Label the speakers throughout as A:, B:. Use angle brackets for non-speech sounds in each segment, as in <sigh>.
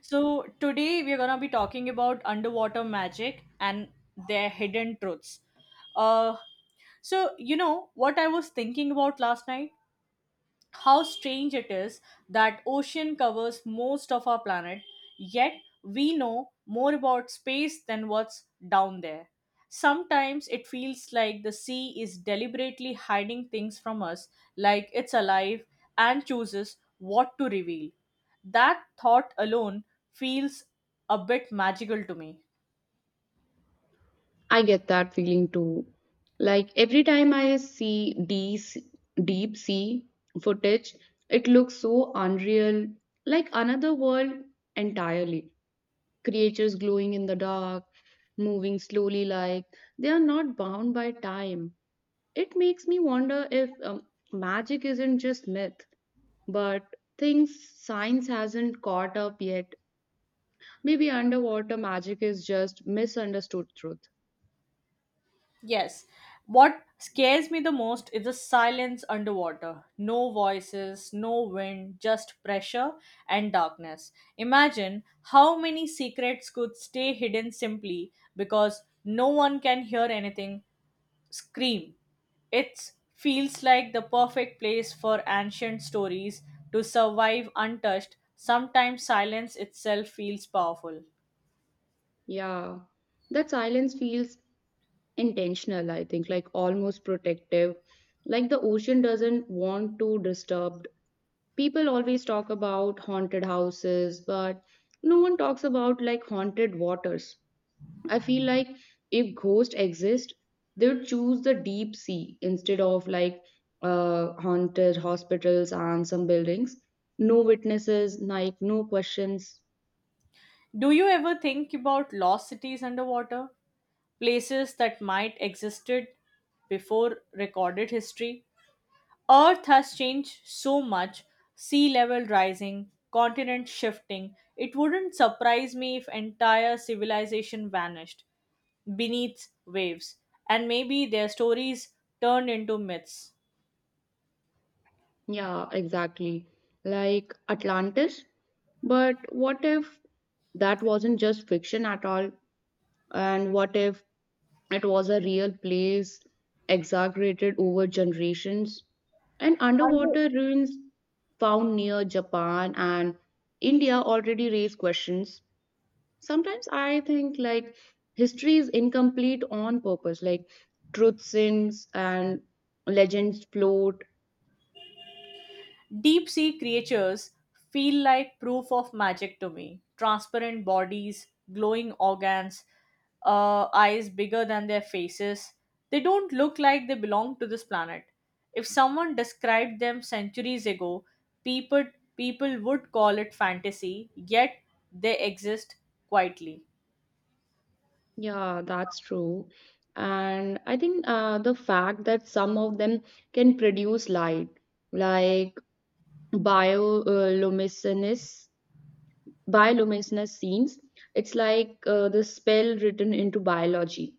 A: So, today we're going to be talking about underwater magic and their hidden truths. Uh, you know what I was thinking about last night? How strange it is that ocean covers most of our planet, yet we know more about space than what's down there. Sometimes it feels like the sea is deliberately hiding things from us, like it's alive and chooses what to reveal. That thought alone feels a bit magical to me.
B: I get that feeling too. Like every time I see deep, deep sea footage, it looks so unreal, like another world entirely. Creatures glowing in the dark, moving slowly, like they are not bound by time. It makes me wonder if magic isn't just myth, but things science hasn't caught up yet. Maybe underwater magic is just misunderstood truth.
A: Yes. What scares me the most is the silence underwater. No voices, no wind, just pressure and darkness. Imagine how many secrets could stay hidden simply because no one can hear anything scream. It feels like the perfect place for ancient stories to survive untouched. Sometimes silence itself feels powerful.
B: Yeah, that silence feels intentional, I think, like almost protective. Like the ocean doesn't want to disturb. People always talk about haunted houses, but no one talks about like haunted waters. I feel like if ghosts exist, they would choose the deep sea instead of like haunted hospitals and some buildings. No witnesses, like no questions.
A: Do you ever think about lost cities underwater? Places that might existed before recorded history. Earth has changed so much, sea level rising, continent shifting. It wouldn't surprise me if entire civilization vanished beneath waves, and maybe their stories turned into myths.
B: Yeah, exactly. Like Atlantis. But what if that wasn't just fiction at all? And what if it was a real place, exaggerated over generations? And underwater ruins found near Japan and India already raise questions. Sometimes I think like history is incomplete on purpose, like truth sinks and legends float.
A: Deep sea creatures feel like proof of magic to me. Transparent bodies, glowing organs, eyes bigger than their faces. They don't look like they belong to this planet. If someone described them centuries ago, people people would call it fantasy, yet they exist quietly.
B: Yeah, that's true. And I think the fact that some of them can produce light, like bioluminescence, bioluminescence scenes, it's like the spell written into biology.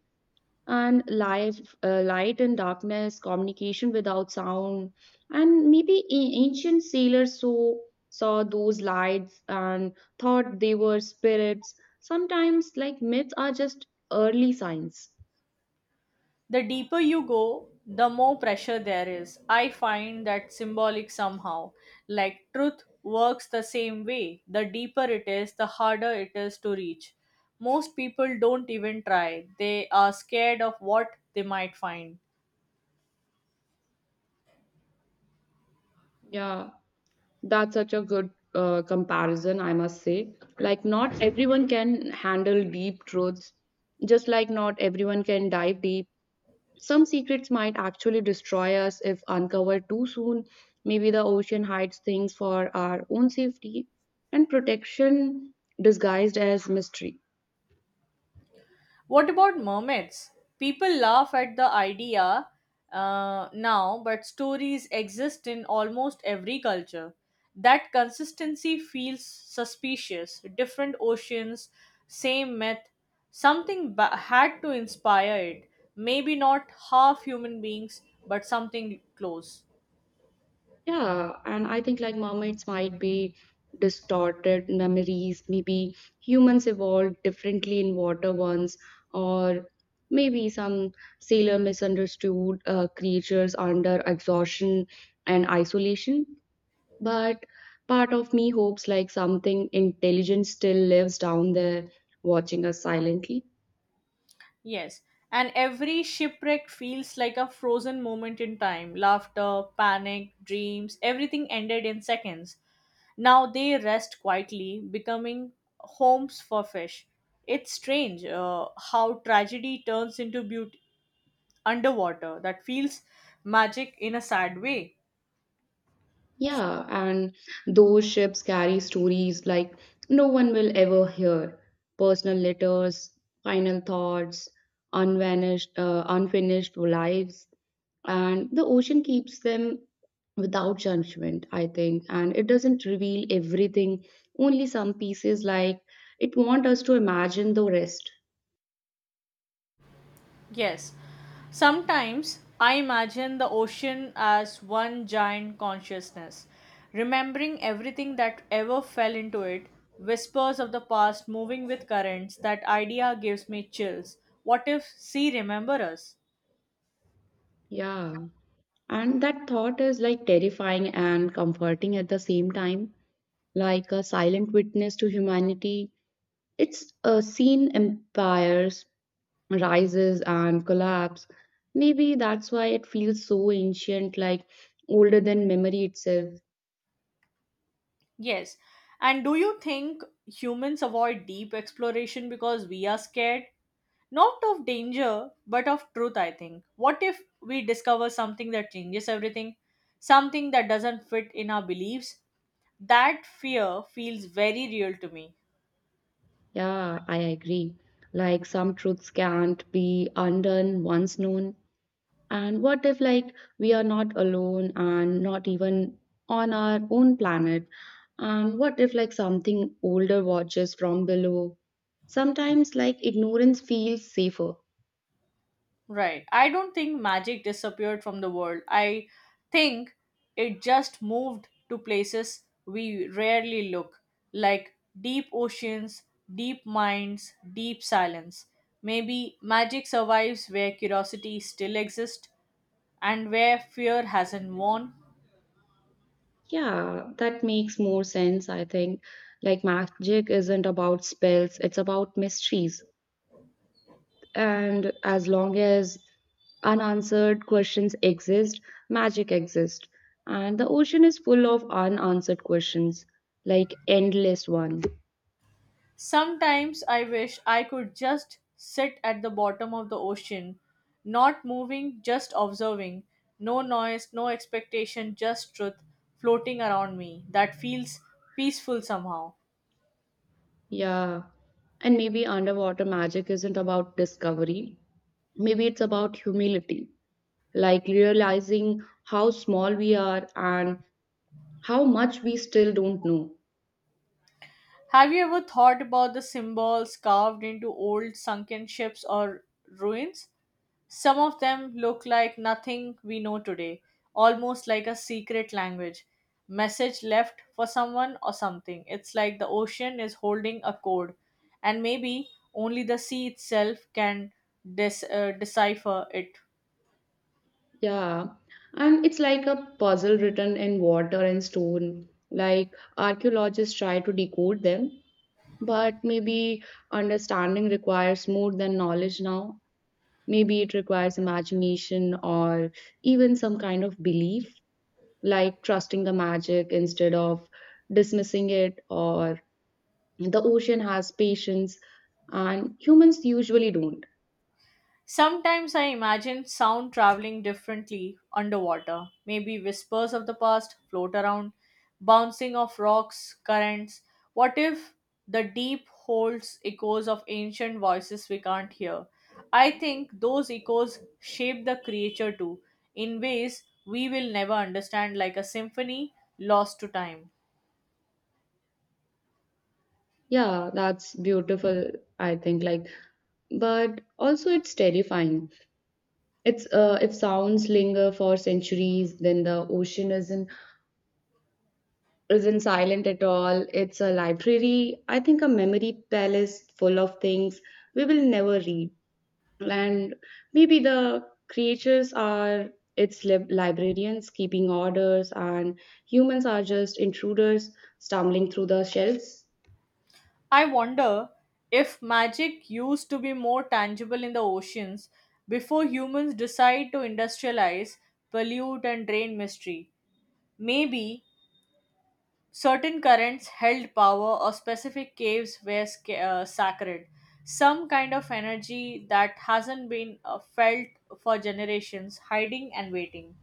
B: And life, light and darkness, communication without sound, and maybe ancient sailors saw those lights and thought they were spirits. Sometimes, like myths are just early signs.
A: The deeper you go, the more pressure there is. I find that symbolic somehow. Like truth works the same way. The deeper it is, the harder it is to reach. Most people don't even try, they are scared of what they might find.
B: Yeah, that's such a good comparison, I must say. Like, not everyone can handle deep truths, just like not everyone can dive deep. Some secrets might actually destroy us if uncovered too soon. Maybe the ocean hides things for our own safety and protection disguised as mystery.
A: What about mermaids? People laugh at the idea now, but stories exist in almost every culture. That consistency feels suspicious. Different oceans, same myth. Had to inspire it. Maybe not half human beings, but something close.
B: Yeah, and I think like mermaids might be distorted memories. Maybe humans evolved differently in water once, or maybe some sailor misunderstood creatures under exhaustion and isolation. But part of me hopes like something intelligent still lives down there watching us silently.
A: Yes, and every shipwreck feels like a frozen moment in time. Laughter, panic, dreams, everything ended in seconds. Now they rest quietly, becoming homes for fish. It's strange how tragedy turns into beauty underwater. That feels magic in a sad way.
B: Yeah, and those ships carry stories like no one will ever hear. Personal letters, final thoughts, unvanished, unfinished lives, and the ocean keeps them without judgment, I think. And it doesn't reveal everything, only some pieces. Like it wants us to imagine the rest.
A: Yes, sometimes I imagine the ocean as one giant consciousness, remembering everything that ever fell into it, whispers of the past moving with currents. That idea gives me chills. What if sea remember us?
B: Yeah, and that thought is like terrifying and comforting at the same time, like a silent witness to humanity. It's seen empires rises and collapse. Maybe that's why it feels so ancient, like older than memory itself.
A: Yes. And do you think humans avoid deep exploration because we are scared? Not of danger, but of truth, I think. What if we discover something that changes everything? Something that doesn't fit in our beliefs? That fear feels very real to me.
B: Yeah, I agree. Like some truths can't be undone once known. And what if, like, we are not alone and not even on our own planet? And what if, like, something older watches from below? Sometimes, like, ignorance feels safer.
A: Right. I don't think magic disappeared from the world. I think it just moved to places we rarely look, like deep oceans, deep minds, deep silence. Maybe magic survives where curiosity still exists and where fear hasn't won.
B: Yeah, that makes more sense, I think. Like, magic isn't about spells, it's about mysteries. And as long as unanswered questions exist, magic exists. And the ocean is full of unanswered questions, like endless one.
A: Sometimes I wish I could just sit at the bottom of the ocean, not moving, just observing. No noise, no expectation, just truth floating around me. That feels peaceful somehow.
B: Yeah. And maybe underwater magic isn't about discovery. Maybe it's about humility, like realizing how small we are and how much we still don't know.
A: Have you ever thought about the symbols carved into old sunken ships or ruins? Some of them look like nothing we know today, almost like a secret language. Message left for someone or something. It's like the ocean is holding a code, and maybe only the sea itself can decipher it.
B: Yeah, and it's like a puzzle written in water and stone. Like archaeologists try to decode them, but maybe understanding requires more than knowledge now. Maybe it requires imagination or even some kind of belief, like trusting the magic instead of dismissing it, or the ocean has patience, and humans usually don't.
A: Sometimes I imagine sound traveling differently underwater. Maybe whispers of the past float around, bouncing off rocks, currents. What if the deep holds echoes of ancient voices we can't hear? I think those echoes shape the creature too, in ways we will never understand, like a symphony lost to time.
B: Yeah, that's beautiful, I think. Like, but also it's terrifying. It's if sounds linger for centuries, then the ocean isn't silent at all. It's a library, I think a memory palace full of things we will never read. And maybe the creatures are its librarians keeping orders, and humans are just intruders stumbling through the shelves.
A: I wonder if magic used to be more tangible in the oceans before humans decide to industrialize, pollute, and drain mystery. Maybe certain currents held power or specific caves were sacred, some kind of energy that hasn't been felt for generations, hiding and waiting.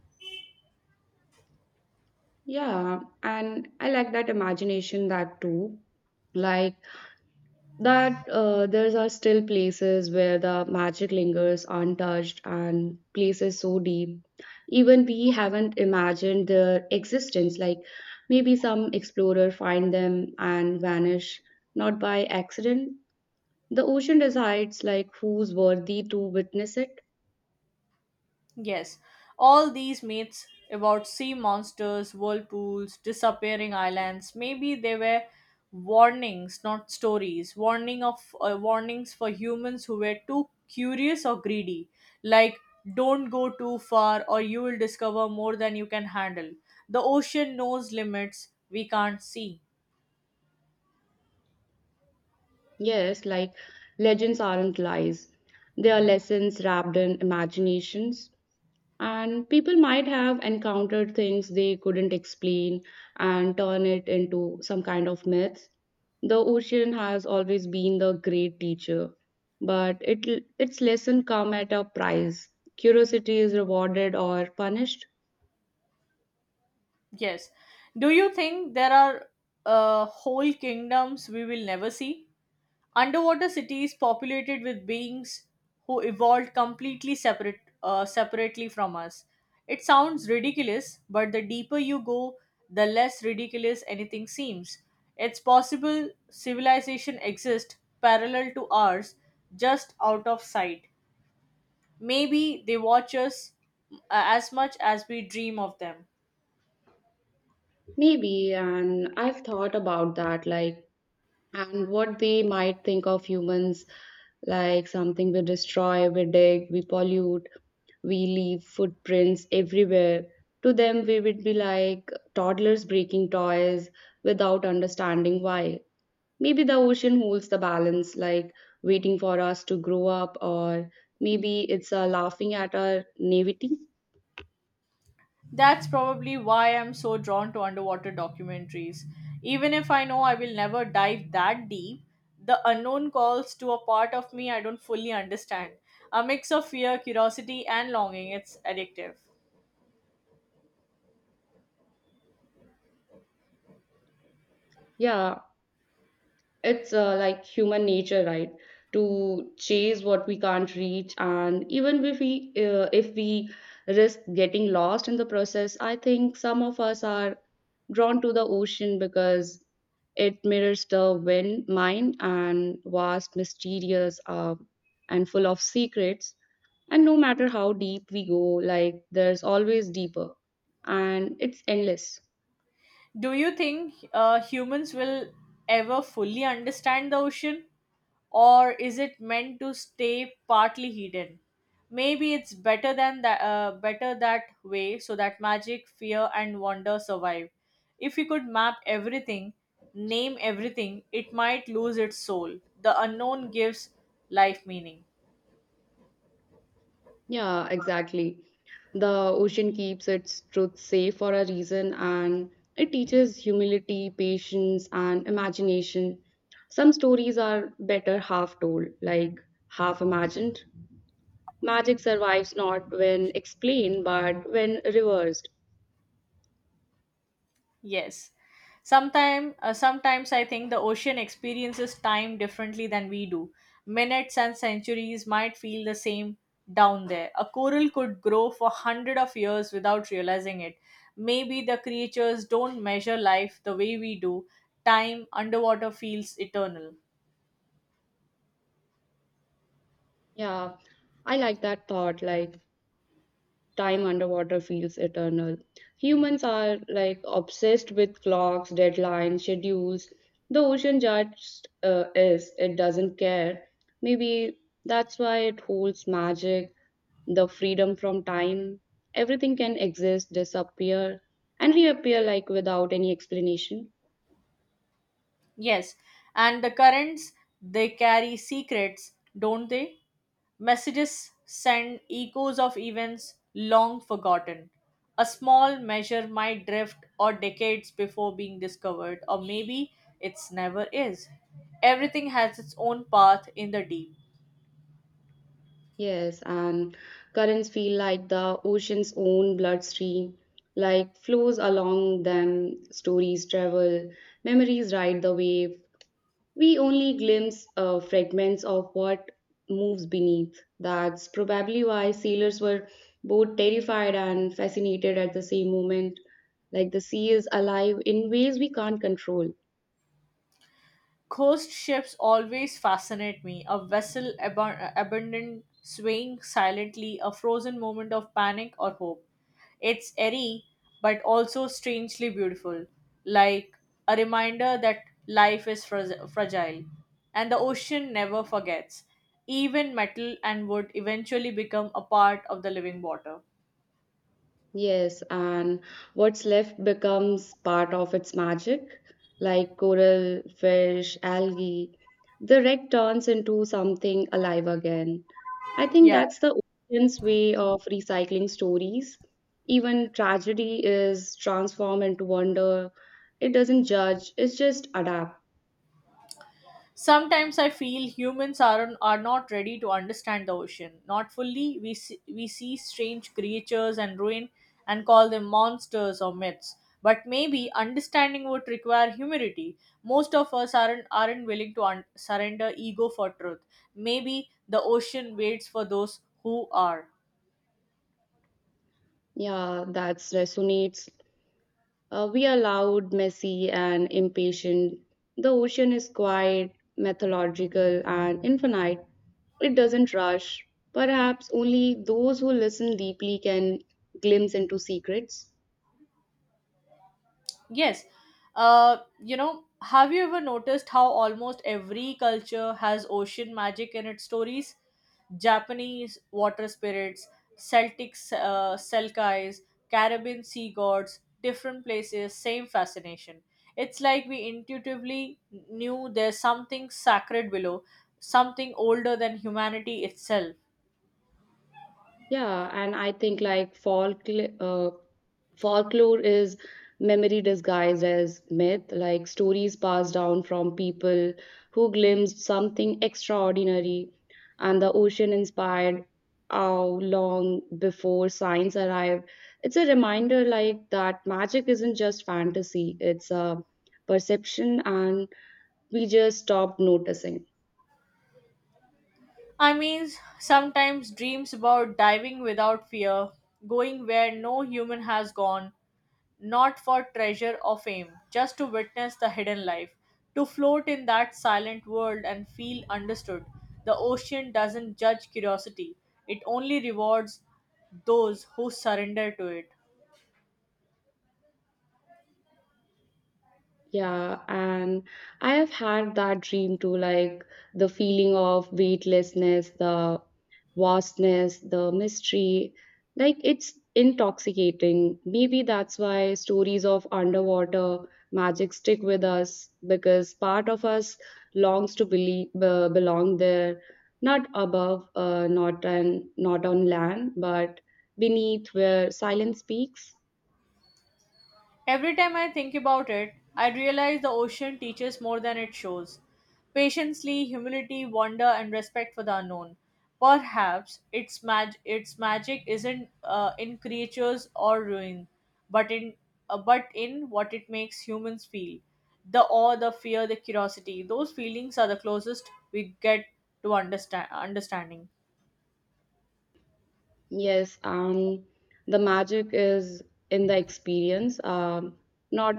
B: Yeah, and I like that imagination that too. Like that there are still places where the magic lingers untouched and places so deep even we haven't imagined their existence, like maybe some explorer find them and vanish, not by accident. The ocean decides like who's worthy to witness it.
A: Yes, all these myths about sea monsters, whirlpools, disappearing islands, maybe they were warnings, not stories. Warnings for humans who were too curious or greedy, like don't go too far or you will discover more than you can handle. The ocean knows limits we can't see.
B: Yes, like legends aren't lies, they are lessons wrapped in imaginations, and people might have encountered things they couldn't explain and turn it into some kind of myth. The ocean has always been the great teacher, but it its lesson come at a price. Curiosity is rewarded or punished.
A: Yes. Do you think there are whole kingdoms we will never see? Underwater cities populated with beings who evolved completely separately from us. It sounds ridiculous, but the deeper you go, the less ridiculous anything seems. It's possible civilization exists parallel to ours, just out of sight. Maybe they watch us as much as we dream of them.
B: Maybe, and I've thought about that like and what they might think of humans, like something we destroy, we dig, we pollute, we leave footprints everywhere. To them, we would be like toddlers breaking toys without understanding why. Maybe the ocean holds the balance, like waiting for us to grow up, or maybe it's laughing at our naivety.
A: That's probably why I'm so drawn to underwater documentaries. Even if I know I will never dive that deep, the unknown calls to a part of me I don't fully understand. A mix of fear, curiosity, and longing. It's addictive.
B: Yeah, it's like human nature, right, to chase what we can't reach, and even if we risk getting lost in the process, I think some of us are drawn to the ocean because it mirrors the wind mind and vast mysterious, and full of secrets, and no matter how deep we go, like there's always deeper and it's endless.
A: Do you think humans will ever fully understand the ocean? Or is it meant to stay partly hidden? Maybe it's better than that, better that way, so that magic, fear, and wonder survive. If you could map everything, name everything, it might lose its soul. The unknown gives life meaning.
B: Yeah, exactly. The ocean keeps its truth safe for a reason, and it teaches humility, patience, and imagination. Some stories are better half told, like half imagined. Magic survives not when explained, but when reversed.
A: Yes. Sometimes I think the ocean experiences time differently than we do. Minutes and centuries might feel the same down there. A coral could grow for hundred of years without realizing it. Maybe the creatures don't measure life the way we do. Time underwater feels eternal.
B: Yeah, I like that thought. Like, time underwater feels eternal. Humans are like obsessed with clocks, deadlines, schedules. The ocean just is, it doesn't care. Maybe that's why it holds magic, the freedom from time. Everything can exist, disappear, and reappear like without any explanation.
A: Yes, and the currents, they carry secrets, don't they? Messages send echoes of events long forgotten. A small measure might drift or decades before being discovered, or maybe it's never is. Everything has its own path in the deep.
B: Yes, and currents feel like the ocean's own bloodstream, like flows along them, stories travel, memories ride the wave. We only glimpse fragments of what moves beneath. That's probably why sailors were both terrified and fascinated at the same moment. Like the sea is alive in ways we can't control.
A: Coast ships always fascinate me. A vessel abandoned, swaying silently, a frozen moment of panic or hope. It's eerie, but also strangely beautiful, like a reminder that life is fragile and the ocean never forgets. Even metal and wood eventually become a part of the living water.
B: Yes, and what's left becomes part of its magic, like coral, fish, algae. The wreck turns into something alive again. I think
A: Yeah.
B: that's the ocean's way of recycling stories. Even tragedy is transformed into wonder. It doesn't judge, it's just adapt.
A: Sometimes I feel humans are not ready to understand the ocean. Not fully, we see strange creatures and ruin and call them monsters or myths. But maybe understanding would require humility. Most of us aren't willing to surrender ego for truth. Maybe the ocean waits for those who are.
B: Yeah, that resonates. We are loud, messy, and impatient. The ocean is quiet, methodological, and infinite. It doesn't rush. Perhaps only those who listen deeply can glimpse into secrets.
A: Yes, have you ever noticed how almost every culture has ocean magic in its stories? Japanese water spirits, Celtic Selkies, Caribbean sea gods, different places, same fascination. It's like we intuitively knew there's something sacred below, something older than humanity itself.
B: Yeah, and I think like folklore is memory disguised as myth, like stories passed down from people who glimpsed something extraordinary, and the ocean inspired how long before science arrived. It's a reminder like that magic isn't just fantasy, it's a perception, and we just stopped noticing.
A: I mean, sometimes dreams about diving without fear, going where no human has gone, not for treasure or fame, just to witness the hidden life, to float in that silent world and feel understood. The ocean doesn't judge curiosity, it only rewards those who surrender to it.
B: Yeah, and I have had that dream too, like the feeling of weightlessness, the vastness, the mystery. Like it's intoxicating. Maybe that's why stories of underwater magic stick with us because part of us longs to believe, belong there, not above, not and not on land, but beneath where silence speaks.
A: Every time I think about it, I realize the ocean teaches more than it shows. Patience, humility, wonder, and respect for the unknown. Perhaps its magic isn't in creatures or ruin, but in but in what it makes humans feel. The awe, the fear, the curiosity. Those feelings are the closest we get to understanding.
B: Yes, the magic is in the experience, not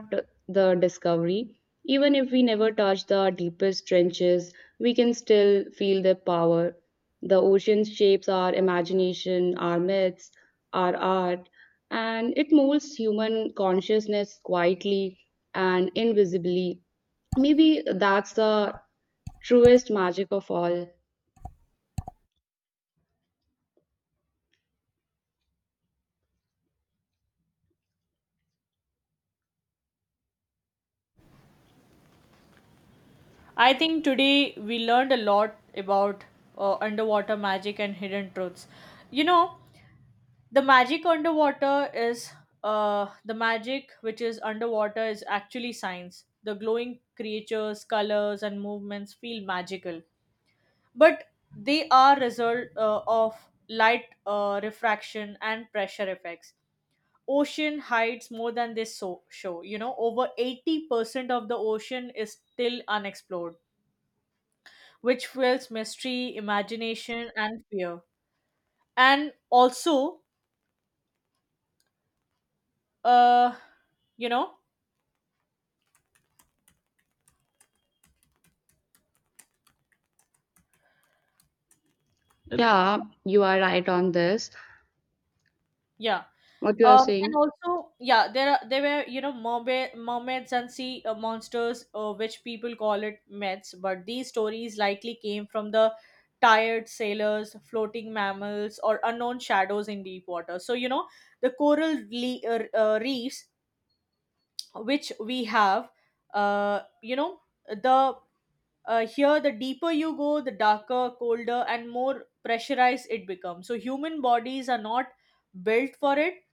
B: the discovery. Even if we never touch the deepest trenches, we can still feel their power. The ocean shapes our imagination, our myths, our art, and it molds human consciousness quietly and invisibly. Maybe that's the truest magic of all.
A: I think today we learned a lot about underwater magic and hidden truths. You know, the magic underwater is the magic which is underwater is actually science. The glowing creatures, colors and movements feel magical, but they are result of light refraction and pressure effects. Ocean hides more than they show. You know, over 80% of the ocean is still unexplored, which fuels mystery, imagination and fear. And also, uh you know
B: Yeah, you are right on this.
A: yeah.
B: What you are
A: And
B: saying?
A: also, yeah, there are there were you know, mermaids and sea monsters, which people call it myths. But these stories likely came from the tired sailors, floating mammals, or unknown shadows in deep water. So you know, the reefs which we have, you know the here the deeper you go, the darker, colder and more pressurized it becomes, so human bodies are not built for it,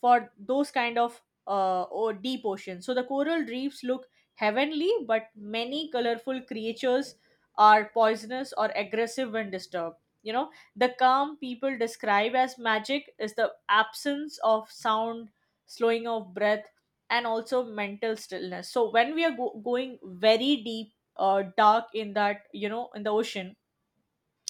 A: for those kind of or deep oceans. So the coral reefs look heavenly, but many colorful creatures are poisonous or aggressive when disturbed. You know, the calm people describe as magic is the absence of sound, slowing of breath, and also mental stillness. So when we are going very deep, dark in that, you know, in the ocean,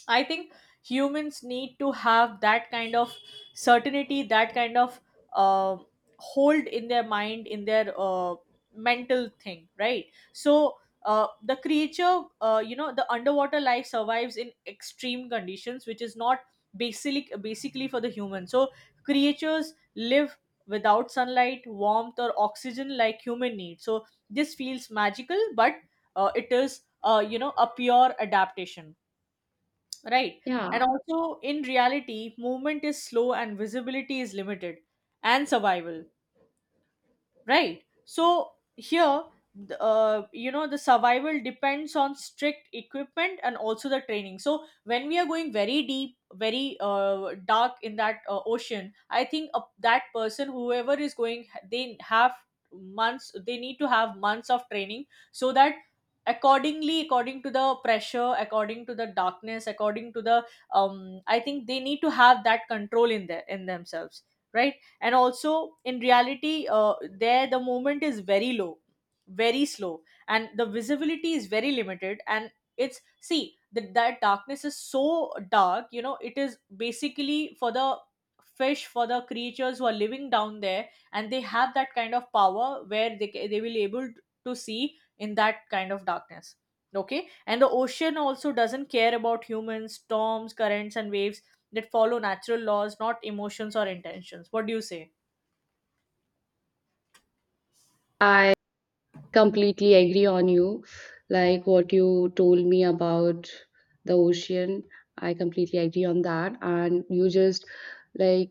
A: I think humans need to have that kind of certainty, that kind of uh, hold in their mind, in their mental thing, right? So the creature, you know, the underwater life survives in extreme conditions, which is not basically for the human. So creatures live without sunlight, warmth, or oxygen like human need. So this feels magical, but it is, you know, a pure adaptation. Right.
B: Yeah.
A: And also, in reality, movement is slow and visibility is limited, and survival right so here you know the survival depends on strict equipment and also the training. So when we are going very deep, very dark in that ocean, I think that person whoever is going, they have months, they need to have months of training so that accordingly, according to the pressure, according to the darkness, according to the um I think they need to have that control in their in themselves, right? And also in reality, there the movement is very low, very slow, and the visibility is very limited. And it's see that that darkness is so dark, you know it is basically for the fish, for the creatures who are living down there, and they have that kind of power where they will able to see in that kind of darkness. Okay. And the ocean also doesn't care about humans, storms, currents and waves that follow natural laws, not emotions or intentions. What do you say?
B: I completely agree on you. Like what you told me about the ocean, I completely agree on that. And you just like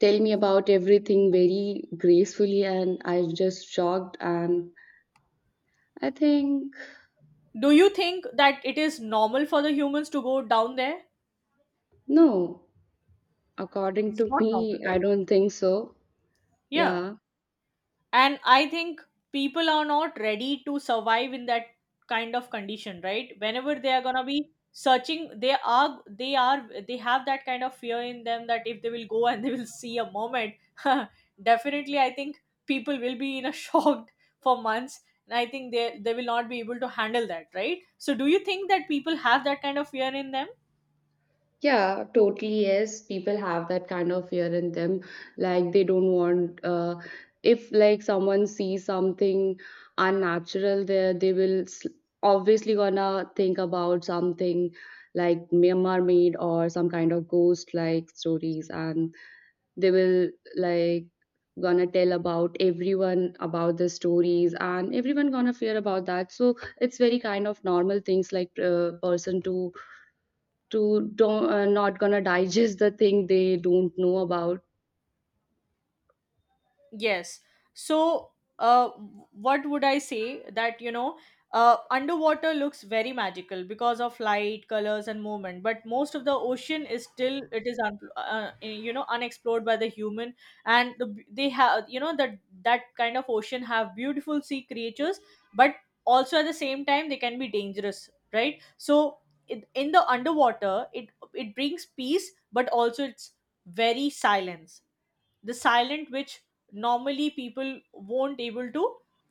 B: tell me about everything very gracefully, and I was just shocked. And I think,
A: Do you think that it is normal for the humans to go down there?
B: no, according
A: It's
B: to
A: not normal,
B: me, I
A: right?
B: don't think so.
A: Yeah.
B: Yeah.
A: And I think people are not ready to survive in that kind of condition, right? Whenever they are gonna be searching, they are they have that kind of fear in them that if they will go and <laughs> they will see a moment. <laughs> Definitely I think people will be in a <laughs> shock for months. And I think they will not be able to handle that, right? So do you think that people have that kind of fear in them?
B: Yeah, totally. Yes, people have that kind of fear in them. Like they don't want, if like someone sees something unnatural there, they will obviously gonna think about something like mermaid or some kind of ghost like stories, and they will like gonna tell about everyone about the stories and everyone gonna fear about that, so it's very kind of normal things, like person to don't not gonna digest the thing they don't know about.
A: Yes. So, uh, what would I say that underwater looks very magical because of light, colors, and movement. But most of the ocean is still it is un- eh, you know unexplored by the human, and the, they have you know that that kind of ocean have beautiful sea creatures, but also at the same time they can be dangerous, right? So. In the underwater, it brings peace, but also it's very silence, the silent which normally people won't able to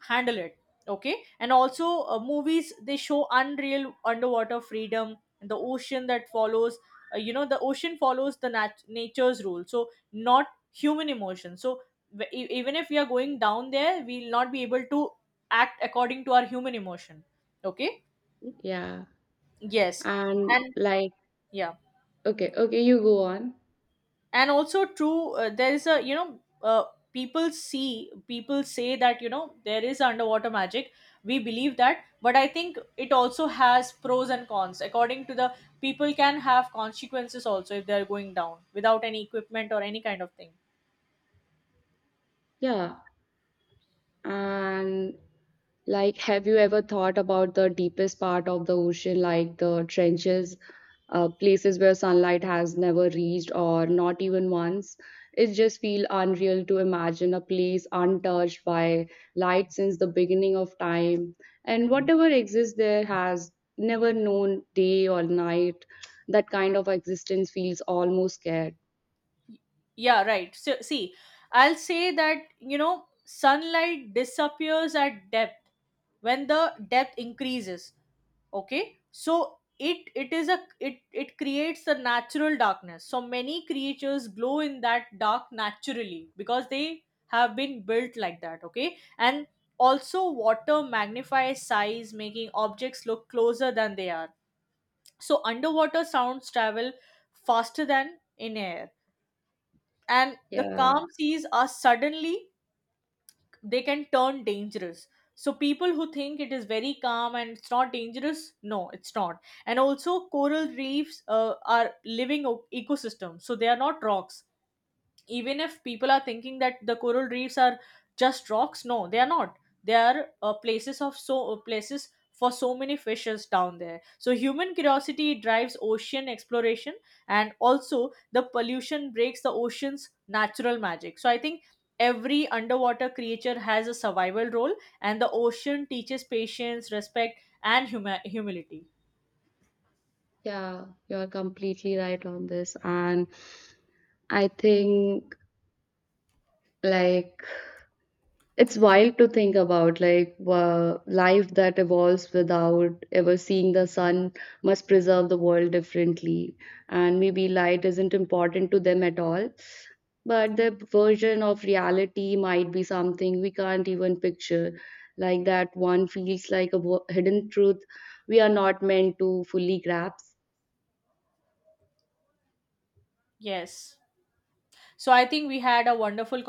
A: handle it. Okay. And also movies they show unreal underwater freedom. The ocean that follows the ocean follows the nature's rule, so not human emotion. So even if we are going down there, we'll not be able to act according to our human emotion. Okay.
B: Yeah.
A: Yes.
B: And
A: And
B: like,
A: yeah.
B: okay, okay, you go on.
A: And also true, there is a you know people see, people say that you know there is underwater magic. We believe that, but I think it also has pros and cons. According to the, people can have consequences also if they're going down without any equipment or any kind of thing.
B: Yeah. And like, have you ever thought about the deepest part of the ocean, like the trenches, places where sunlight has never reached or not even once? It just feels unreal to imagine a place untouched by light since the beginning of time. And whatever exists there has never known day or night. That kind of existence feels almost scared.
A: Yeah, right. So see, I'll say that you know sunlight disappears at depth when the depth increases. Okay. So it creates a natural darkness. So many creatures glow in that dark naturally because they have been built like that. Okay. And also water magnifies size, making objects look closer than they are. So underwater sounds travel faster than in air, and the
B: Yeah,
A: calm seas are suddenly, they can turn dangerous. So people who think it is very calm and it's not dangerous, no it's not. And also coral reefs are living ecosystems, so they are not rocks. Even if people are thinking that the coral reefs are just rocks, no they are not. They are places of so places for so many fishes down there. So human curiosity drives ocean exploration, and also the pollution breaks the ocean's natural magic. So I think every underwater creature has a survival role, and the ocean teaches patience, respect and humility.
B: yeah, you're completely right on this. And I think. Like, it's wild to think about. Like, life that evolves without ever seeing the sun must preserve the world differently. And maybe light isn't important to them at all. But their version of reality might be something we can't even picture. Like, that one feels like a hidden truth we are not meant to fully grasp.
A: Yes, so I think we had a wonderful conversation.